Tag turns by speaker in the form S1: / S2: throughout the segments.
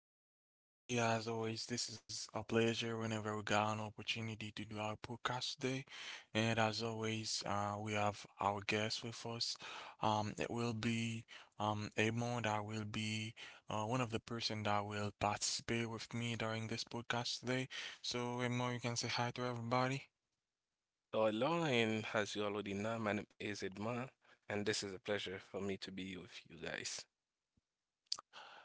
S1: say hello to everybody. As always, this is a pleasure whenever we got an opportunity to do our podcast today. And as always, we have our guest with us. It will be Amon that will be one of the person that will participate with me during this podcast today. So, Amon, you can say hi to everybody.
S2: So hello, and as you already know, my name is Edmond, and this is a pleasure for me to be with you guys.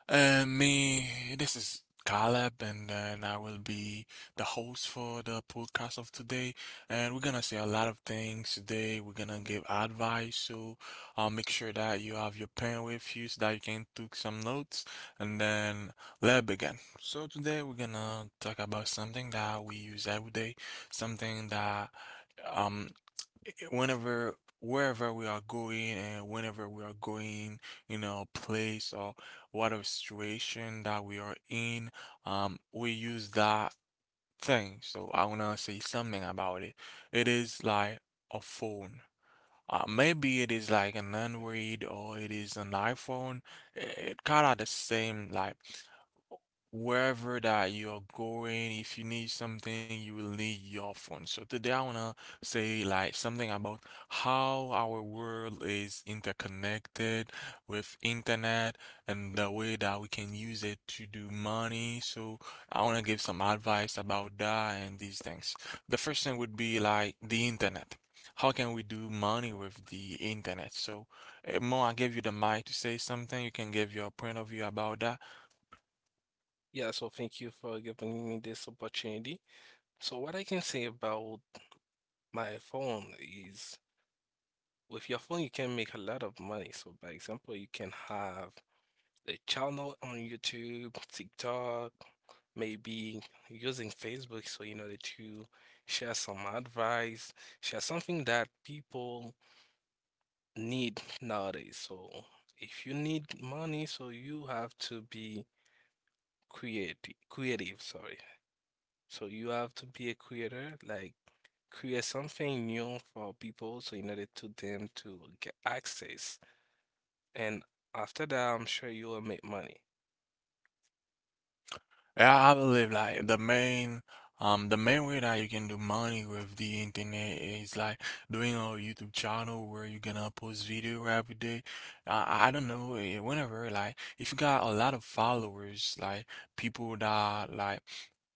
S1: Me, this is Caleb, and then I will be the host for the podcast of today. And we're gonna say a lot of things today. We're gonna give advice, so make sure that you have your pen with you so that you can take some notes. And then let's begin. So today we're gonna talk about something that we use every day, something that um whenever wherever we are going and whenever we are going in a place or whatever situation that we are in we use that thing, so I want to say something about it. It is like a phone. Maybe it is like an Android or it is an iPhone. It kind of the same, like wherever that you're going, if you need something, you will need your phone. So today I wanna say like something about how our world is interconnected with internet and the way that we can use it to do money. So I wanna give some advice about that and these things. The first thing would be like the internet, how can we do money with the internet? So, Mo, I give you the mic to say something. You can give your point of view about that.
S2: Yeah, so thank you for giving me this opportunity. So what I can say about my phone is with your phone you can make a lot of money. So by example, you can have a channel on YouTube, TikTok, maybe using Facebook so you know that you share some advice, share something that people need nowadays. So if you need money, so you have to be creative, sorry. So you have to be a creator, like create something new for people so in order to them to get access. And after that, I'm sure you will make money.
S1: Yeah, I believe like the main way that you can do money with the internet is like doing a YouTube channel where you're gonna post video every day. I don't know, whenever like if you got a lot of followers, like people that like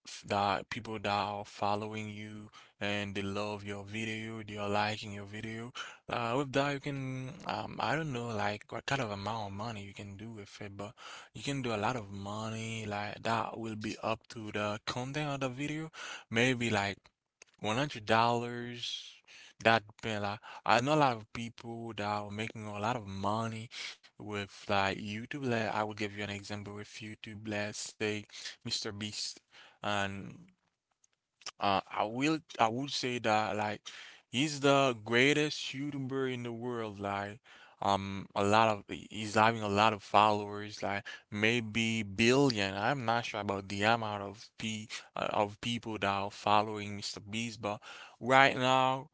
S1: f- that people that are following you and they love your video, they are liking your video. With that, you can, I don't know, like what kind of amount of money you can do with it, but you can do a lot of money, like that will be up to the content of the video, maybe like $100. That depend, like I know a lot of people that are making a lot of money with like YouTube. Like I will give you an example with YouTube. Let's say Mr Beast, and I would say that like he's the greatest YouTuber in the world. Like a lot of he's having a lot of followers, like maybe billion. I'm not sure about the amount of people that are following Mr. Beast, but right now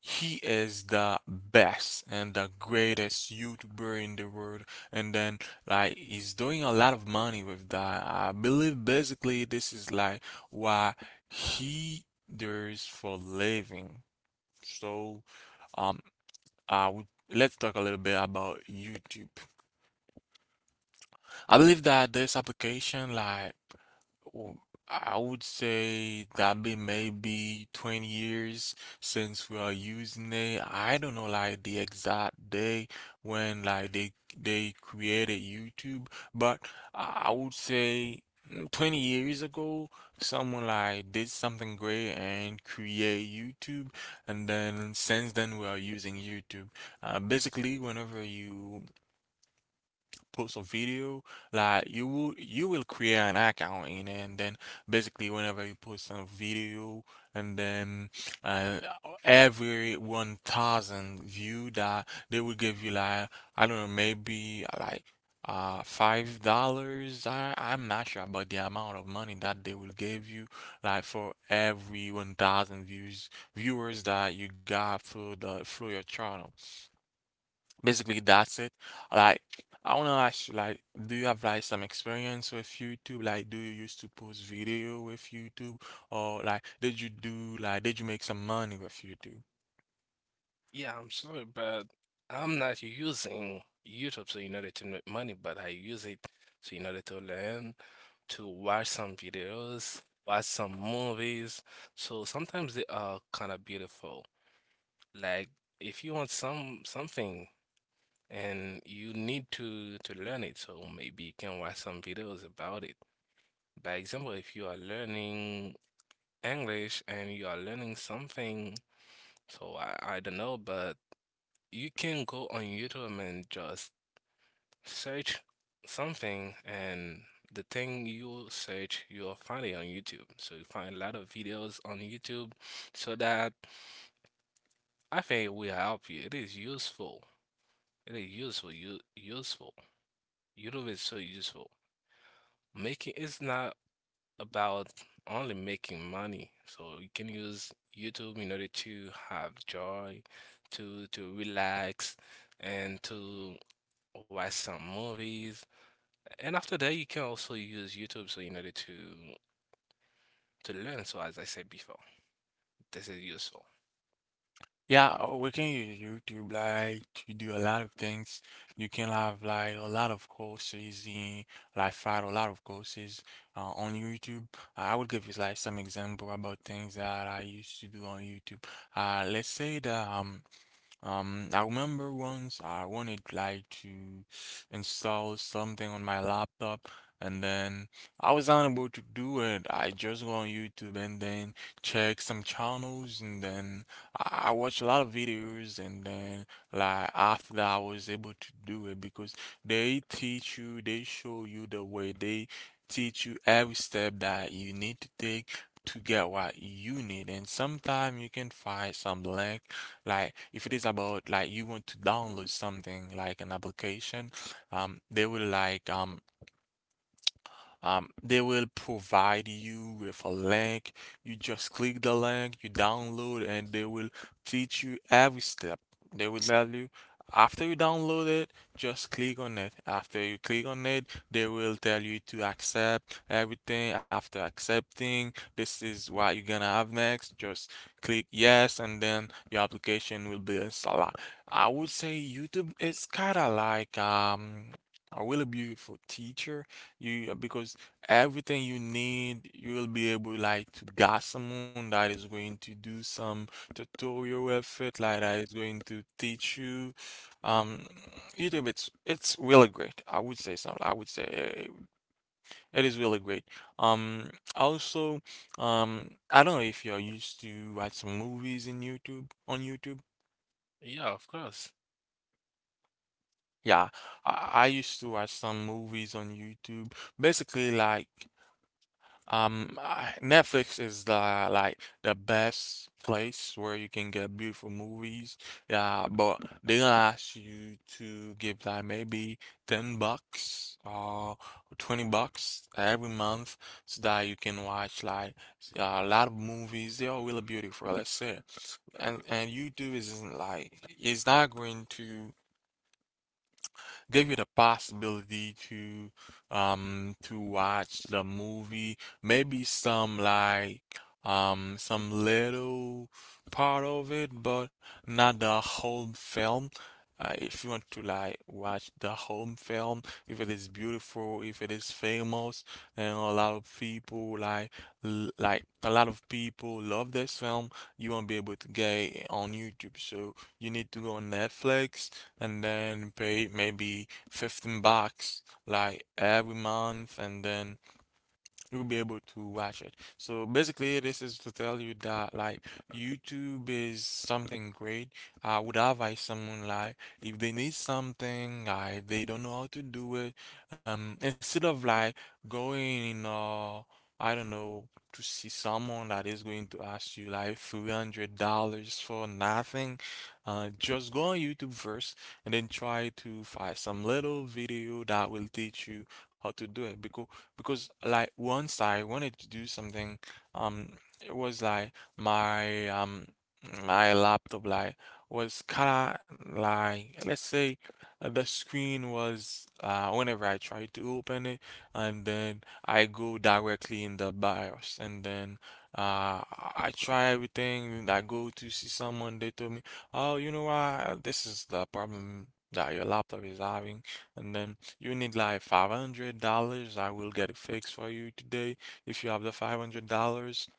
S1: he is the best and the greatest YouTuber in the world. And then, like, he's doing a lot of money with that. I believe basically this is like what he does for living. So, um, I would let's talk a little bit about YouTube. I believe that this application, w- I would say that been maybe 20 years since we are using it. I don't know like the exact day when they created YouTube, but I would say 20 years ago someone like did something great and create YouTube, and then since then we are using YouTube. Basically whenever you post a video, like you will create an account in it, and then basically whenever you post a video and then uh, every 1,000 view that they will give you like I don't know maybe $5. I'm not sure about the amount of money that they will give you like for every 1,000 views viewers that you got through the through your channel. Basically, that's it. Like, I wanna ask you, like, do you have like some experience with YouTube? Like, do you used to post video with YouTube, or like, did you do like, did you make some money with YouTube?
S2: Yeah, I'm sorry, but I'm not using YouTube so in order to make money, but I use it so in order to learn to watch some videos, watch some movies. So sometimes they are kind of beautiful. Like if you want some something and you need to learn it, so maybe you can watch some videos about it. By example, if you are learning English and you are learning something, so I don't know, but you can go on YouTube and just search something, and the thing you search, you'll find it on YouTube. So you find a lot of videos on YouTube, so that I think it will help you. It is useful. It is useful. You useful. YouTube is so useful. Making it's not about only making money. So you can use YouTube in order to have joy, to relax, and to watch some movies. And after that, you can also use YouTube, so in order to learn. So as I said before, this is useful.
S1: Yeah, we can use YouTube. Like, you do a lot of things. You can have like a lot of courses in, like, find a lot of courses on YouTube. I would give you like some example about things that I used to do on YouTube. Let's say that. I remember once I wanted like to install something on my laptop, and then I was unable to do it. I just go on YouTube and then check some channels and then I watch a lot of videos, and then like after that I was able to do it because they teach you, they show you the way, they teach you every step that you need to take to get what you need. And sometimes you can find some lack, like if it is about like you want to download something like an application, um, they will like um they will provide you with a link. You just click the link, you download, and they will teach you every step. They will tell you after you download it, just click on it. After you click on it, they will tell you to accept everything. After accepting, this is what you're gonna have next. Just click yes, and then your application will be installed. I would say YouTube is kind of like a really beautiful teacher. You, because everything you need you will be able like to got someone that is going to do some tutorial effort like that is going to teach you. um YouTube, it's really great, I would say. So I would say, it is really great. Um also I don't know if you're used to watch some movies in YouTube.
S2: Yeah, of course.
S1: Yeah. I used to watch some movies on YouTube basically, like Netflix is the like the best place where you can get beautiful movies. Yeah, but they gonna ask you to give like maybe 10 bucks or 20 bucks every month so that you can watch like a lot of movies. They are really beautiful, let's say. And YouTube isn't like it's not going to give you the possibility to watch the movie, maybe some like some little part of it, but not the whole film. If you want to like watch the whole film, if it is beautiful, if it is famous, and a lot of people like l- like a lot of people love this film, you won't be able to get it on YouTube. So you need to go on Netflix and then pay maybe 15 bucks like every month, and then you'll be able to watch it. So basically, this is to tell you that like YouTube is something great. I would advise someone like if they need something, like they don't know how to do it, instead of like going in I don't know, to see someone that is going to ask you like $300 for nothing, just go on YouTube first and then try to find some little video that will teach you how to do it. Because like once I wanted to do something, um, it was like my um my laptop like was kinda like, let's say, the screen was whenever I try to open it and then I go directly in the BIOS, and then uh I try everything and I go to see someone. They told me, oh, you know what, this is the problem that your laptop is having, and then you need like $500. I will get it fixed for you today if you have the $500.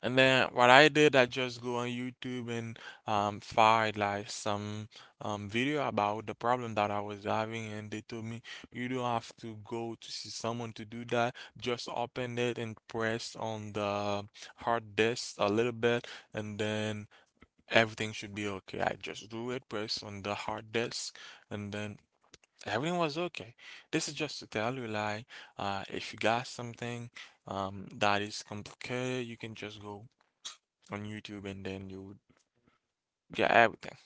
S1: And then what I did, I just go on YouTube and find like some video about the problem that I was having. And they told me you don't have to go to see someone to do that. Just open it and press on the hard disk a little bit, and then everything should be okay. I just do it, press on the hard disk, and then everything was okay. This is just to tell you, like, if you got something that is complicated, you can just go on YouTube and then you would get everything.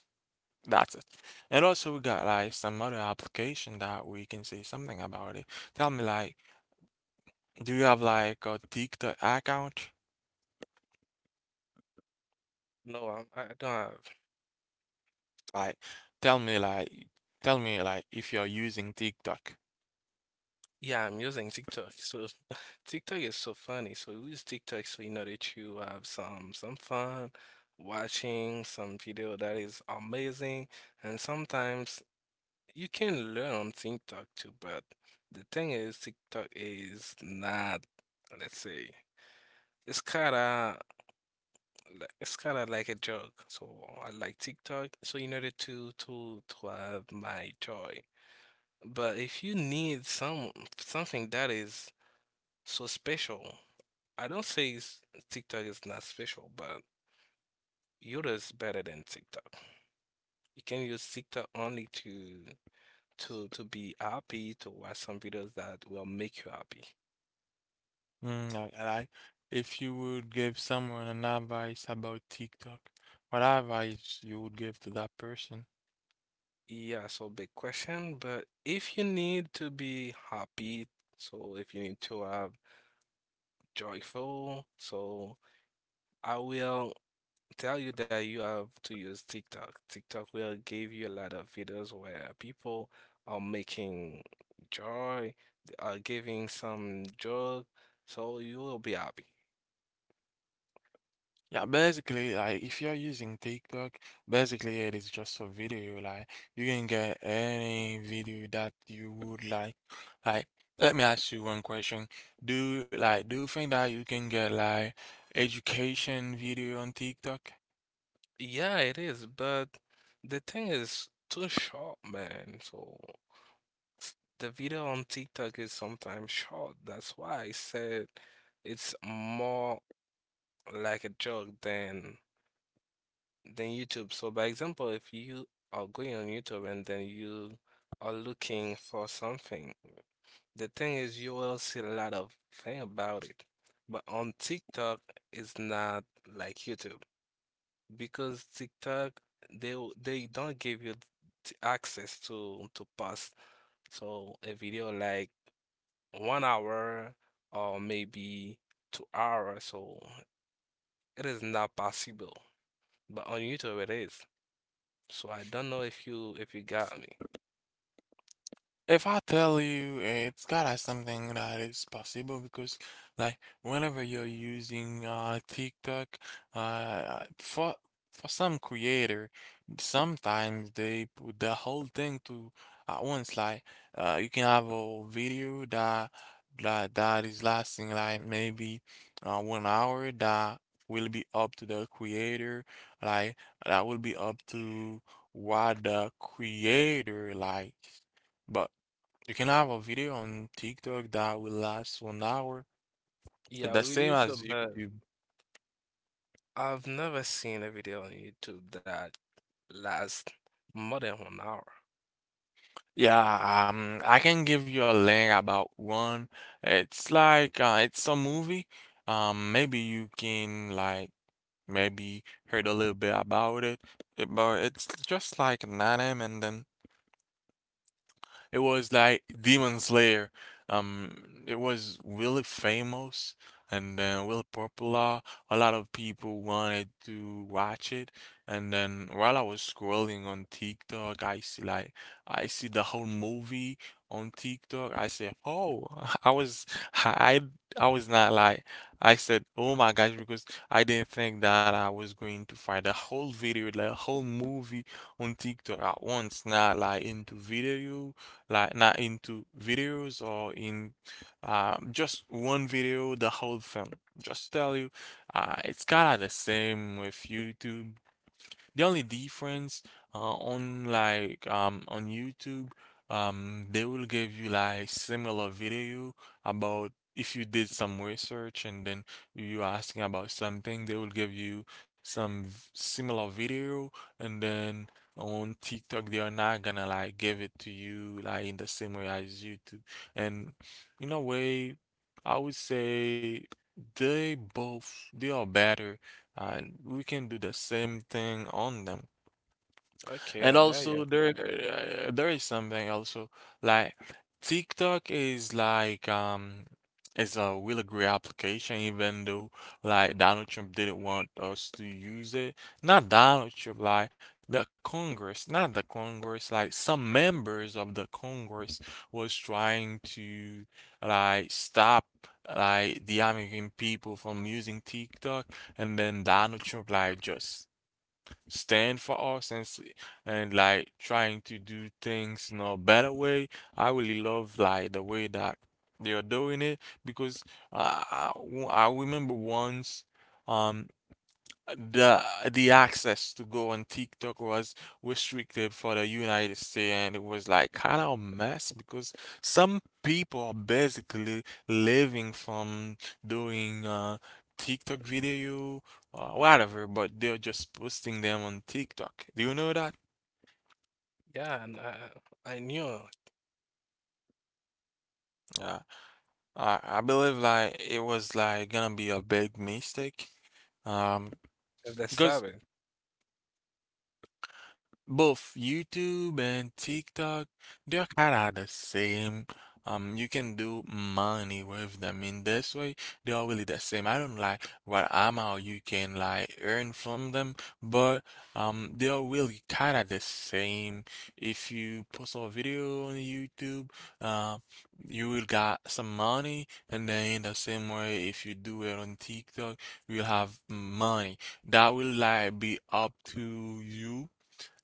S1: That's it. And also, we got like some other application that we can say something about it. Tell me, like, do you have like a TikTok account?
S2: No, I don't have.
S1: Like, tell me, like, tell me, like, if you're using TikTok.
S2: Yeah, I'm using TikTok. So TikTok is so funny. So we use TikTok so in order to have some fun, watching some video that is amazing, and sometimes you can learn on TikTok too. But the thing is, TikTok is not, let's say, it's kind of like, it's kind of like a joke. So I like TikTok, so in order to to have my joy, but if you need some something that is so special, I don't say s- TikTok is not special, but Yoda is better than TikTok. You can use TikTok only to to be happy, to watch some videos that will make you happy.
S1: Mm, like, if you would give someone an advice about TikTok, what advice you would give to that person?
S2: Yeah, so big question, but if you need to be happy, so if you need to have joyful. So I will tell you that you have to use TikTok. TikTok will give you a lot of videos where people are making joy, they are giving some joy, so you will be happy.
S1: Yeah, basically, like, if you're using TikTok, basically it is just a video. Like, you can get any video that you would like. Like, let me ask you one question. Do, like, do you think that you can get, like, education video on TikTok?
S2: Yeah, it is, but the thing is too short, man. So the video on TikTok is sometimes short. That's why I said it's more like a joke than YouTube. So, by example, if you are going on YouTube and then you are looking for something, the thing is you will see a lot of thing about it. But on TikTok, it's not like YouTube because TikTok they don't give you access to post. So a video like 1 hour or maybe 2 hours, so it is not possible. But on YouTube it is. So I don't know if you got me.
S1: If I tell you, it's gotta something that is possible because, whenever you're using TikTok, uh, uh, for for some creator, sometimes they put the whole thing to at once. You can have a video that that is lasting like maybe 1 hour. That will be up to the creator, like that will be up to what the creator like. But you can have a video on TikTok that will last 1 hour,
S2: Yeah,
S1: the
S2: we
S1: same
S2: did so,
S1: as
S2: but
S1: YouTube.
S2: I've never seen a video on YouTube that lasts more than 1 hour.
S1: Yeah, I can give you a link about one. It's like it's a movie. Maybe you can like maybe heard a little bit about it, but it's just like an anime, and then it was like Demon Slayer. It was really famous and then really popular. A lot of people wanted to watch it. And then while I was scrolling on TikTok, I see the whole movie on TikTok. I said, "Oh," I was I I was not like. I said, oh my gosh, because I didn't think that I was going to find a whole video, like a whole movie on TikTok at once, not like into video, like not into videos, or in just one video, the whole film. Just tell you, it's kind of the same with YouTube. The only difference, on on YouTube, they will give you like similar video about, if you did some research and then you asking about something, they will give you some similar video. And then on TikTok they are not gonna like give it to you like in the same way as YouTube. And in a way, I would say they both, they are better, and we can do the same thing on them. And
S2: Okay, I got
S1: also
S2: you.
S1: there, there is something also, like TikTok is is a really great application, even though like Donald Trump didn't want us to use it. Not Donald Trump, like the Congress, not the Congress, like some members of the Congress was trying to like stop like the American people from using TikTok, and then Donald Trump like just stand for us and and like trying to do things in a better way. I really love like the way that they are doing it, because uh, I I remember once. Um, the the access to go on TikTok was restricted for the United States, and it was like kind of a mess because some people are basically living from doing TikTok video or whatever, but they're just posting them on TikTok. Do you know that?
S2: Yeah, and I knew
S1: Yeah. I believe like it was like gonna be a big mistake. Um,
S2: if that's
S1: because
S2: seven.
S1: both YouTube and TikTok, they're kind of the same. You can do money with them in this way. They are really the same. I don't like what amount you can like earn from them, but they are really kind of the same. If you post a video on YouTube, uh, you will got some money, and then in the same way, if you do it on TikTok, you'll have money. That will like be up to you,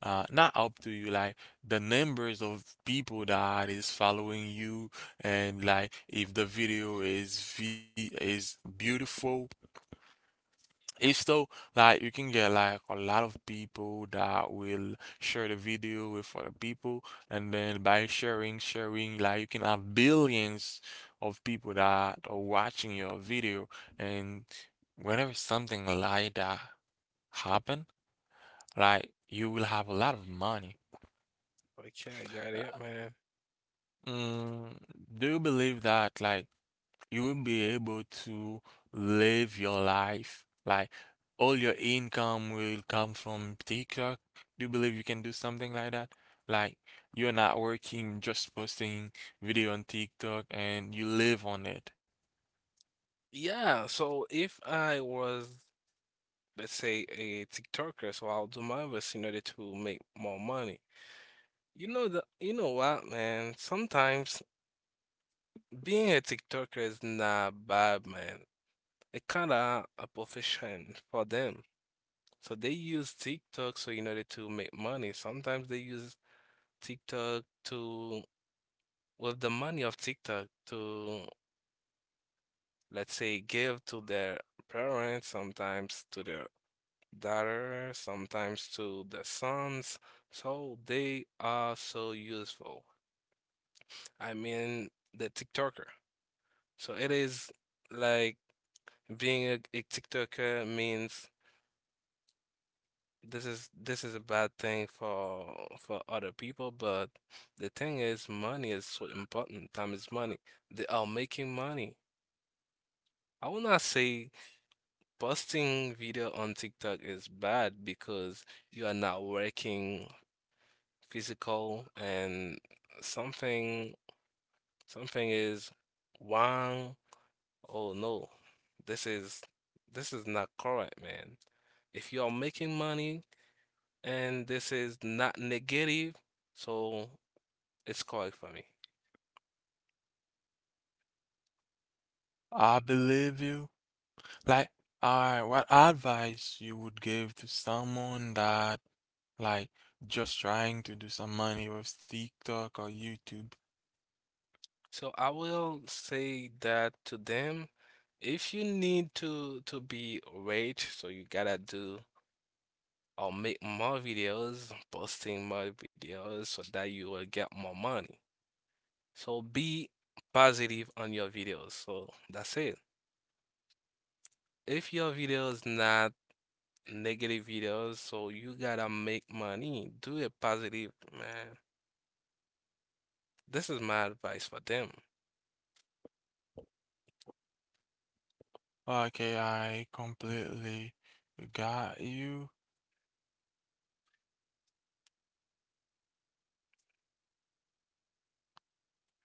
S1: not up to you, like the numbers of people that is following you, and like if the video is v is beautiful, it's so, like, you can get like a lot of people that will share the video with other people, and then by sharing, sharing, like you can have billions of people that are watching your video, and whenever something like that happen, like you will have a lot of money.
S2: Okay, I got it, man.
S1: Mm, do you believe that like you will be able to live your life? Like all your income will come from TikTok? Do you believe you can do something like that? Like you're not working, just posting video on TikTok and you live on it.
S2: Yeah, so if I was, let's say, a TikToker, so I'll do my best in order to make more money. You know what, man? Sometimes being a TikToker is not bad, man. It kinda a profession for them. So they use TikTok so in order to make money. Sometimes they use TikTok to with the money of TikTok to let's say give to their parents, sometimes to their daughter, sometimes to their sons. So they are so useful. I mean the TikToker. So it is like being a TikToker means this is a bad thing for other people, but the thing is money is so important. Time is money. They are making money. I will not say posting video on TikTok is bad because you are not working physical and something is wrong. Oh no, this is this is not correct, man. If you are making money and this is not negative, so it's correct for me.
S1: I believe you. Like, what advice you would give to someone that like just trying to do some money with TikTok or YouTube?
S2: So I will say that to them, if you need to be rich, so you gotta do or make more videos, posting more videos so that you will get more money. So be positive on your videos. So that's it. If your video is not negative videos, so you gotta make money. Do it positive, man. This is my advice for them.
S1: Okay, I completely got you.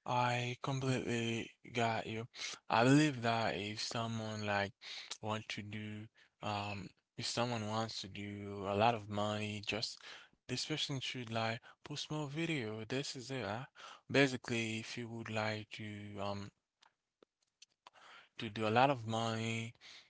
S1: I completely got you. I believe that if someone like want to do um if someone wants to do a lot of money, just, this person should like post more video. This is it, huh? Basically, if you would like um to do a lot of money,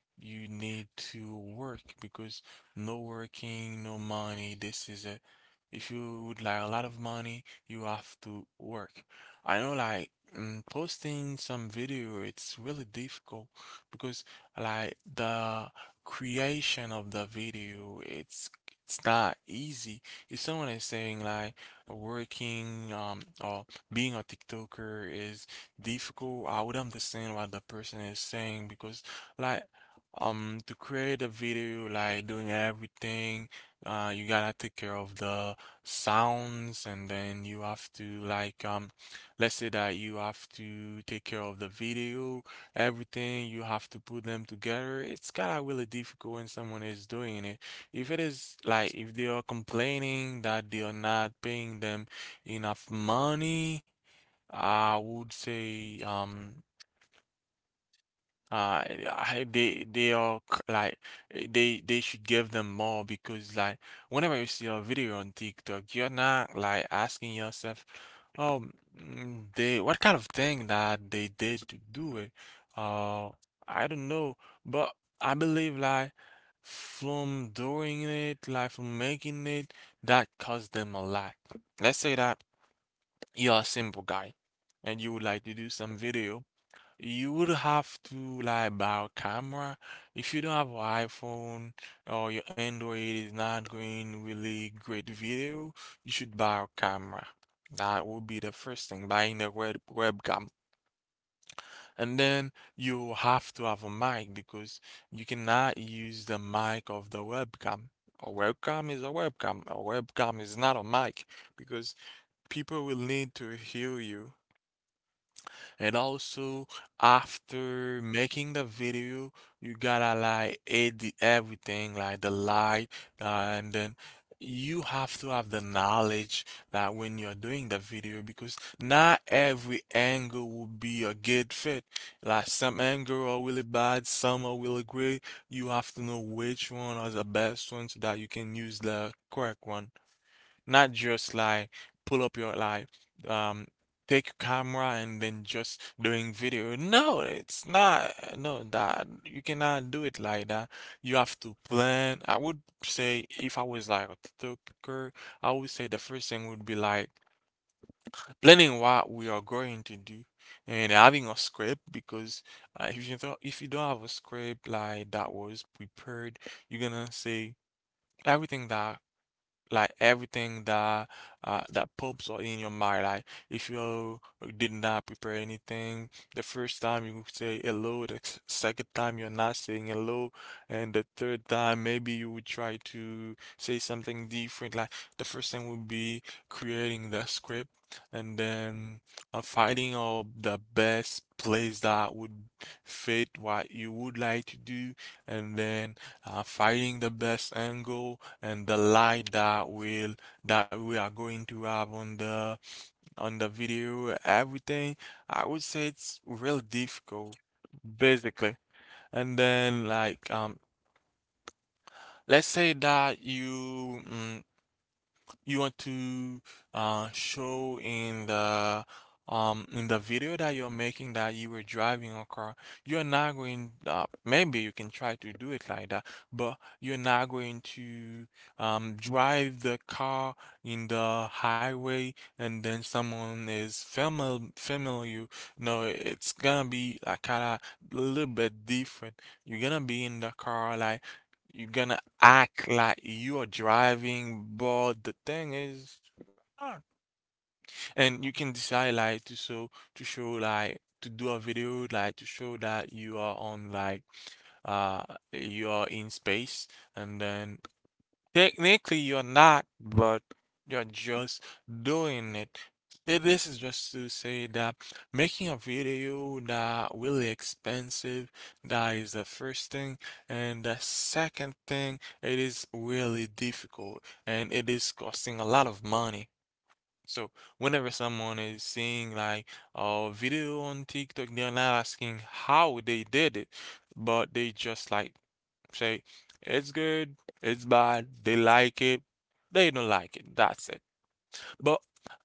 S1: you need to work, because no working, no money. If you would like a lot of money, you have to work. I know like, mm, posting some video, it's really difficult, because the creation of the video, it's not easy. If someone is saying like working or being a TikToker is difficult, I would understand what the person is saying, because like, to create a video, like doing everything, you gotta take care of the sounds, and then you have to like, let's say that you have to take care of the video, everything. You have to put them together. It's kinda really difficult when someone is doing it. If it is like, if they are complaining that they are not paying them enough money, I would say, um, Uh, eh, they are c- like eh, they should give them more, because like whenever you see a video on TikTok, you're not like asking yourself, oh, mm, they, what kind of thing that they did to do it? Uh, I don't know, but I believe like from doing it, like from making it, that cost them a lot. Let's say that you're a simple guy and you would like to do some video. You would have to like buy a camera. If you don't have an iPhone or your Android is not doing really great video, you should buy a camera. That would be the first thing, buying a webcam. And then you have to have a mic, because you cannot use the mic of the webcam. A webcam is a webcam. A webcam is not a mic, because people will need to hear you. And also, after making the video, you gotta like edit everything, like the light, uh, and then you have to have the knowledge that when you're doing the video, because not every angle will be a good fit. Like some angle are really bad, some are really great. You have to know which one are the best one, so that you can use the correct one. Not just like pull up your like um take your camera and then just doing video. No, it's not, no, that you cannot do it like that. You have to plan. I would say if I was like a TikToker, I would say the first thing would be like planning what we are going to do and having a script, because if you don't have a script like that was prepared, you're gonna say everything that everything that that pops up in your mind. Like if you did not prepare anything, the first time you say hello, the second time you're not saying hello, and the third time maybe you would try to say something different. Like the first thing would be creating the script, and then finding out the best place that would fit what you would like to do, and then finding the best angle and the light that will that we are going to have on the video, everything. I would say it's real difficult, basically. And then let's say that you, mm, you want to, show in the video that you're making that you were driving a car. You're not going, maybe you can try to do it like that, but you're not going to drive the car in the highway and then someone is familiar you. No, it's gonna be like kind of a little bit different. You're gonna be in the car, like you're gonna act like you are driving, but the thing is, ah, and you can decide like to show, to do a video like to show that you are on like uh you are in space, and then technically, you're not, but you're just doing it. This is just to say that making a video that really expensive, that is the first thing. And the second thing, it is really difficult and it is costing a lot of money. So whenever someone is seeing like a video on TikTok, they're not asking how they did it, but they just like say, it's good, it's bad, they like it, they don't like it. That's it. But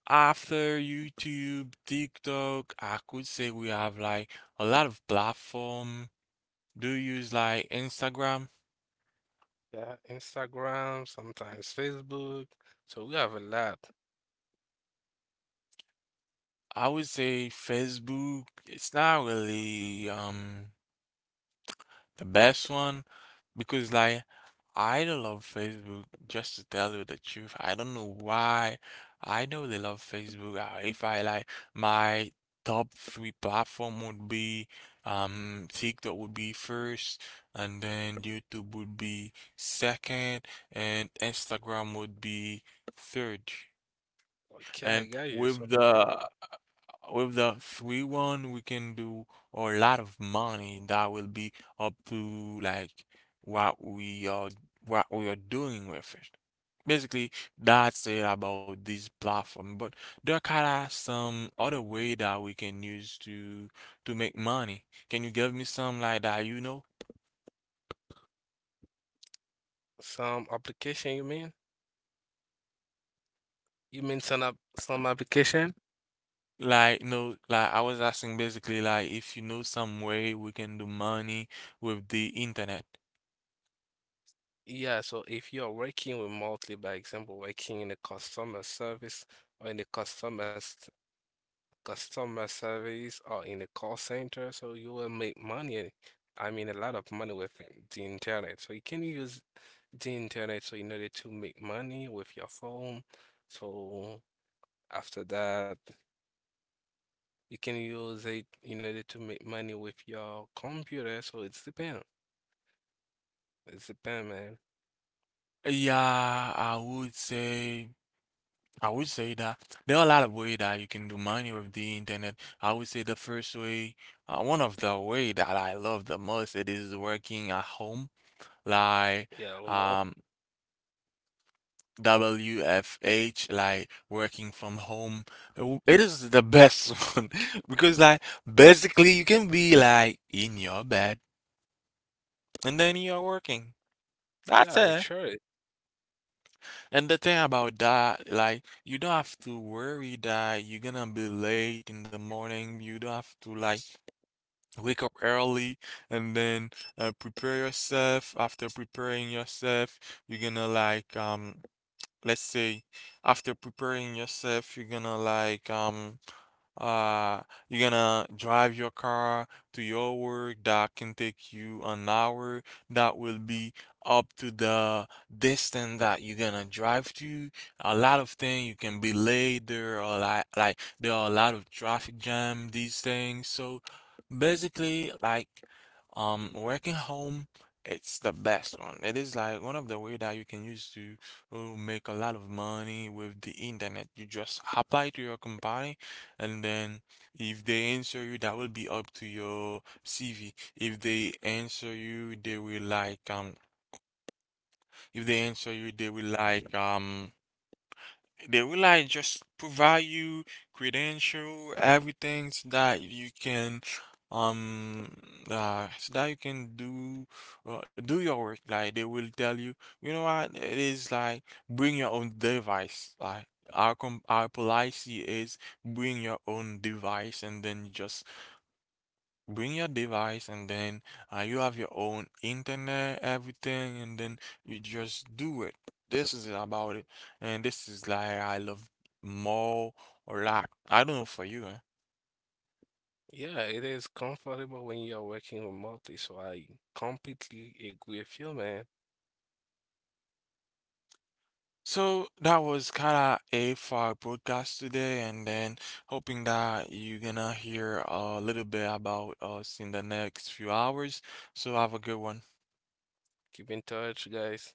S1: after YouTube, TikTok, I could say we have like a lot of platform. Do you use like Instagram?
S2: Yeah, Instagram, sometimes Facebook. So we have a lot.
S1: I would say Facebook, it's not really the best one. Because like I don't love Facebook, just to tell you the truth. I don't know why. I know they love Facebook. If I like my top three platform would be, TikTok would be first, and then YouTube would be second, and Instagram would be third.
S2: Okay, I
S1: And
S2: got you. So
S1: with the 3 1, we can do a lot of money. That will be up to like what we are what we are doing with it. Basically, that's it about this platform. But there are kind of some other way that we can use to make money. Can you give me some like that you know?
S2: some application you mean? You mean some application?
S1: Like no, like I was asking basically like if you know some way we can do money with the internet.
S2: Yeah, so if you're working remotely, by example, working in a customer service or in a customer service or in a call center, so you will make money. I mean, a lot of money with the internet. So you can use the internet so in order to make money with your phone. So after that, you can use it in order to make money with your computer. So it's depend. It's depend, man.
S1: Yeah, I would say that there are a lot of way that you can do money with the internet. I would say the first way, one of the way that I love the most, it is working at home, like
S2: Yeah, remote.
S1: um WFH, like working from home. It is the best one, because like basically you can be like in your bed and then you're working.
S2: Yeah,
S1: That's
S2: it
S1: it.
S2: sure.
S1: And the thing about that, like, you don't have to worry that you're gonna be late in the morning. You don't have to, like, wake up early and then, prepare yourself. After preparing yourself, you're gonna, like, let's say after preparing yourself you're gonna uh you're gonna drive your car to your work, that can take you an hour. That will be up to the distance that you're gonna drive to. A lot of things, you can be late, there are like there are a lot of traffic jam, these things, so basically working home, it's the best one. It is like one of the way that you can use to who make a lot of money with the internet. You just apply to your company, and then if they answer you, that will be up to your CV. If they answer you, they will like. If they answer you, they will like, um, they will like just provide you credential, everything, so that you can um so that you can do, do your work. Like they will tell you, you know what, it is like, bring your own device. Like our com our policy is bring your own device, and then you just bring your device, and then, you have your own internet, everything, and then you just do it. This is about it. And this is like I love, more or lack. I don't know for you, eh?
S2: Yeah, it is comfortable when you're working remotely. So I completely agree with you, man.
S1: So that was kind of it for our podcast today, and then hoping that you're gonna hear a little bit about us in the next few hours. So have a good one.
S2: Keep in touch, guys.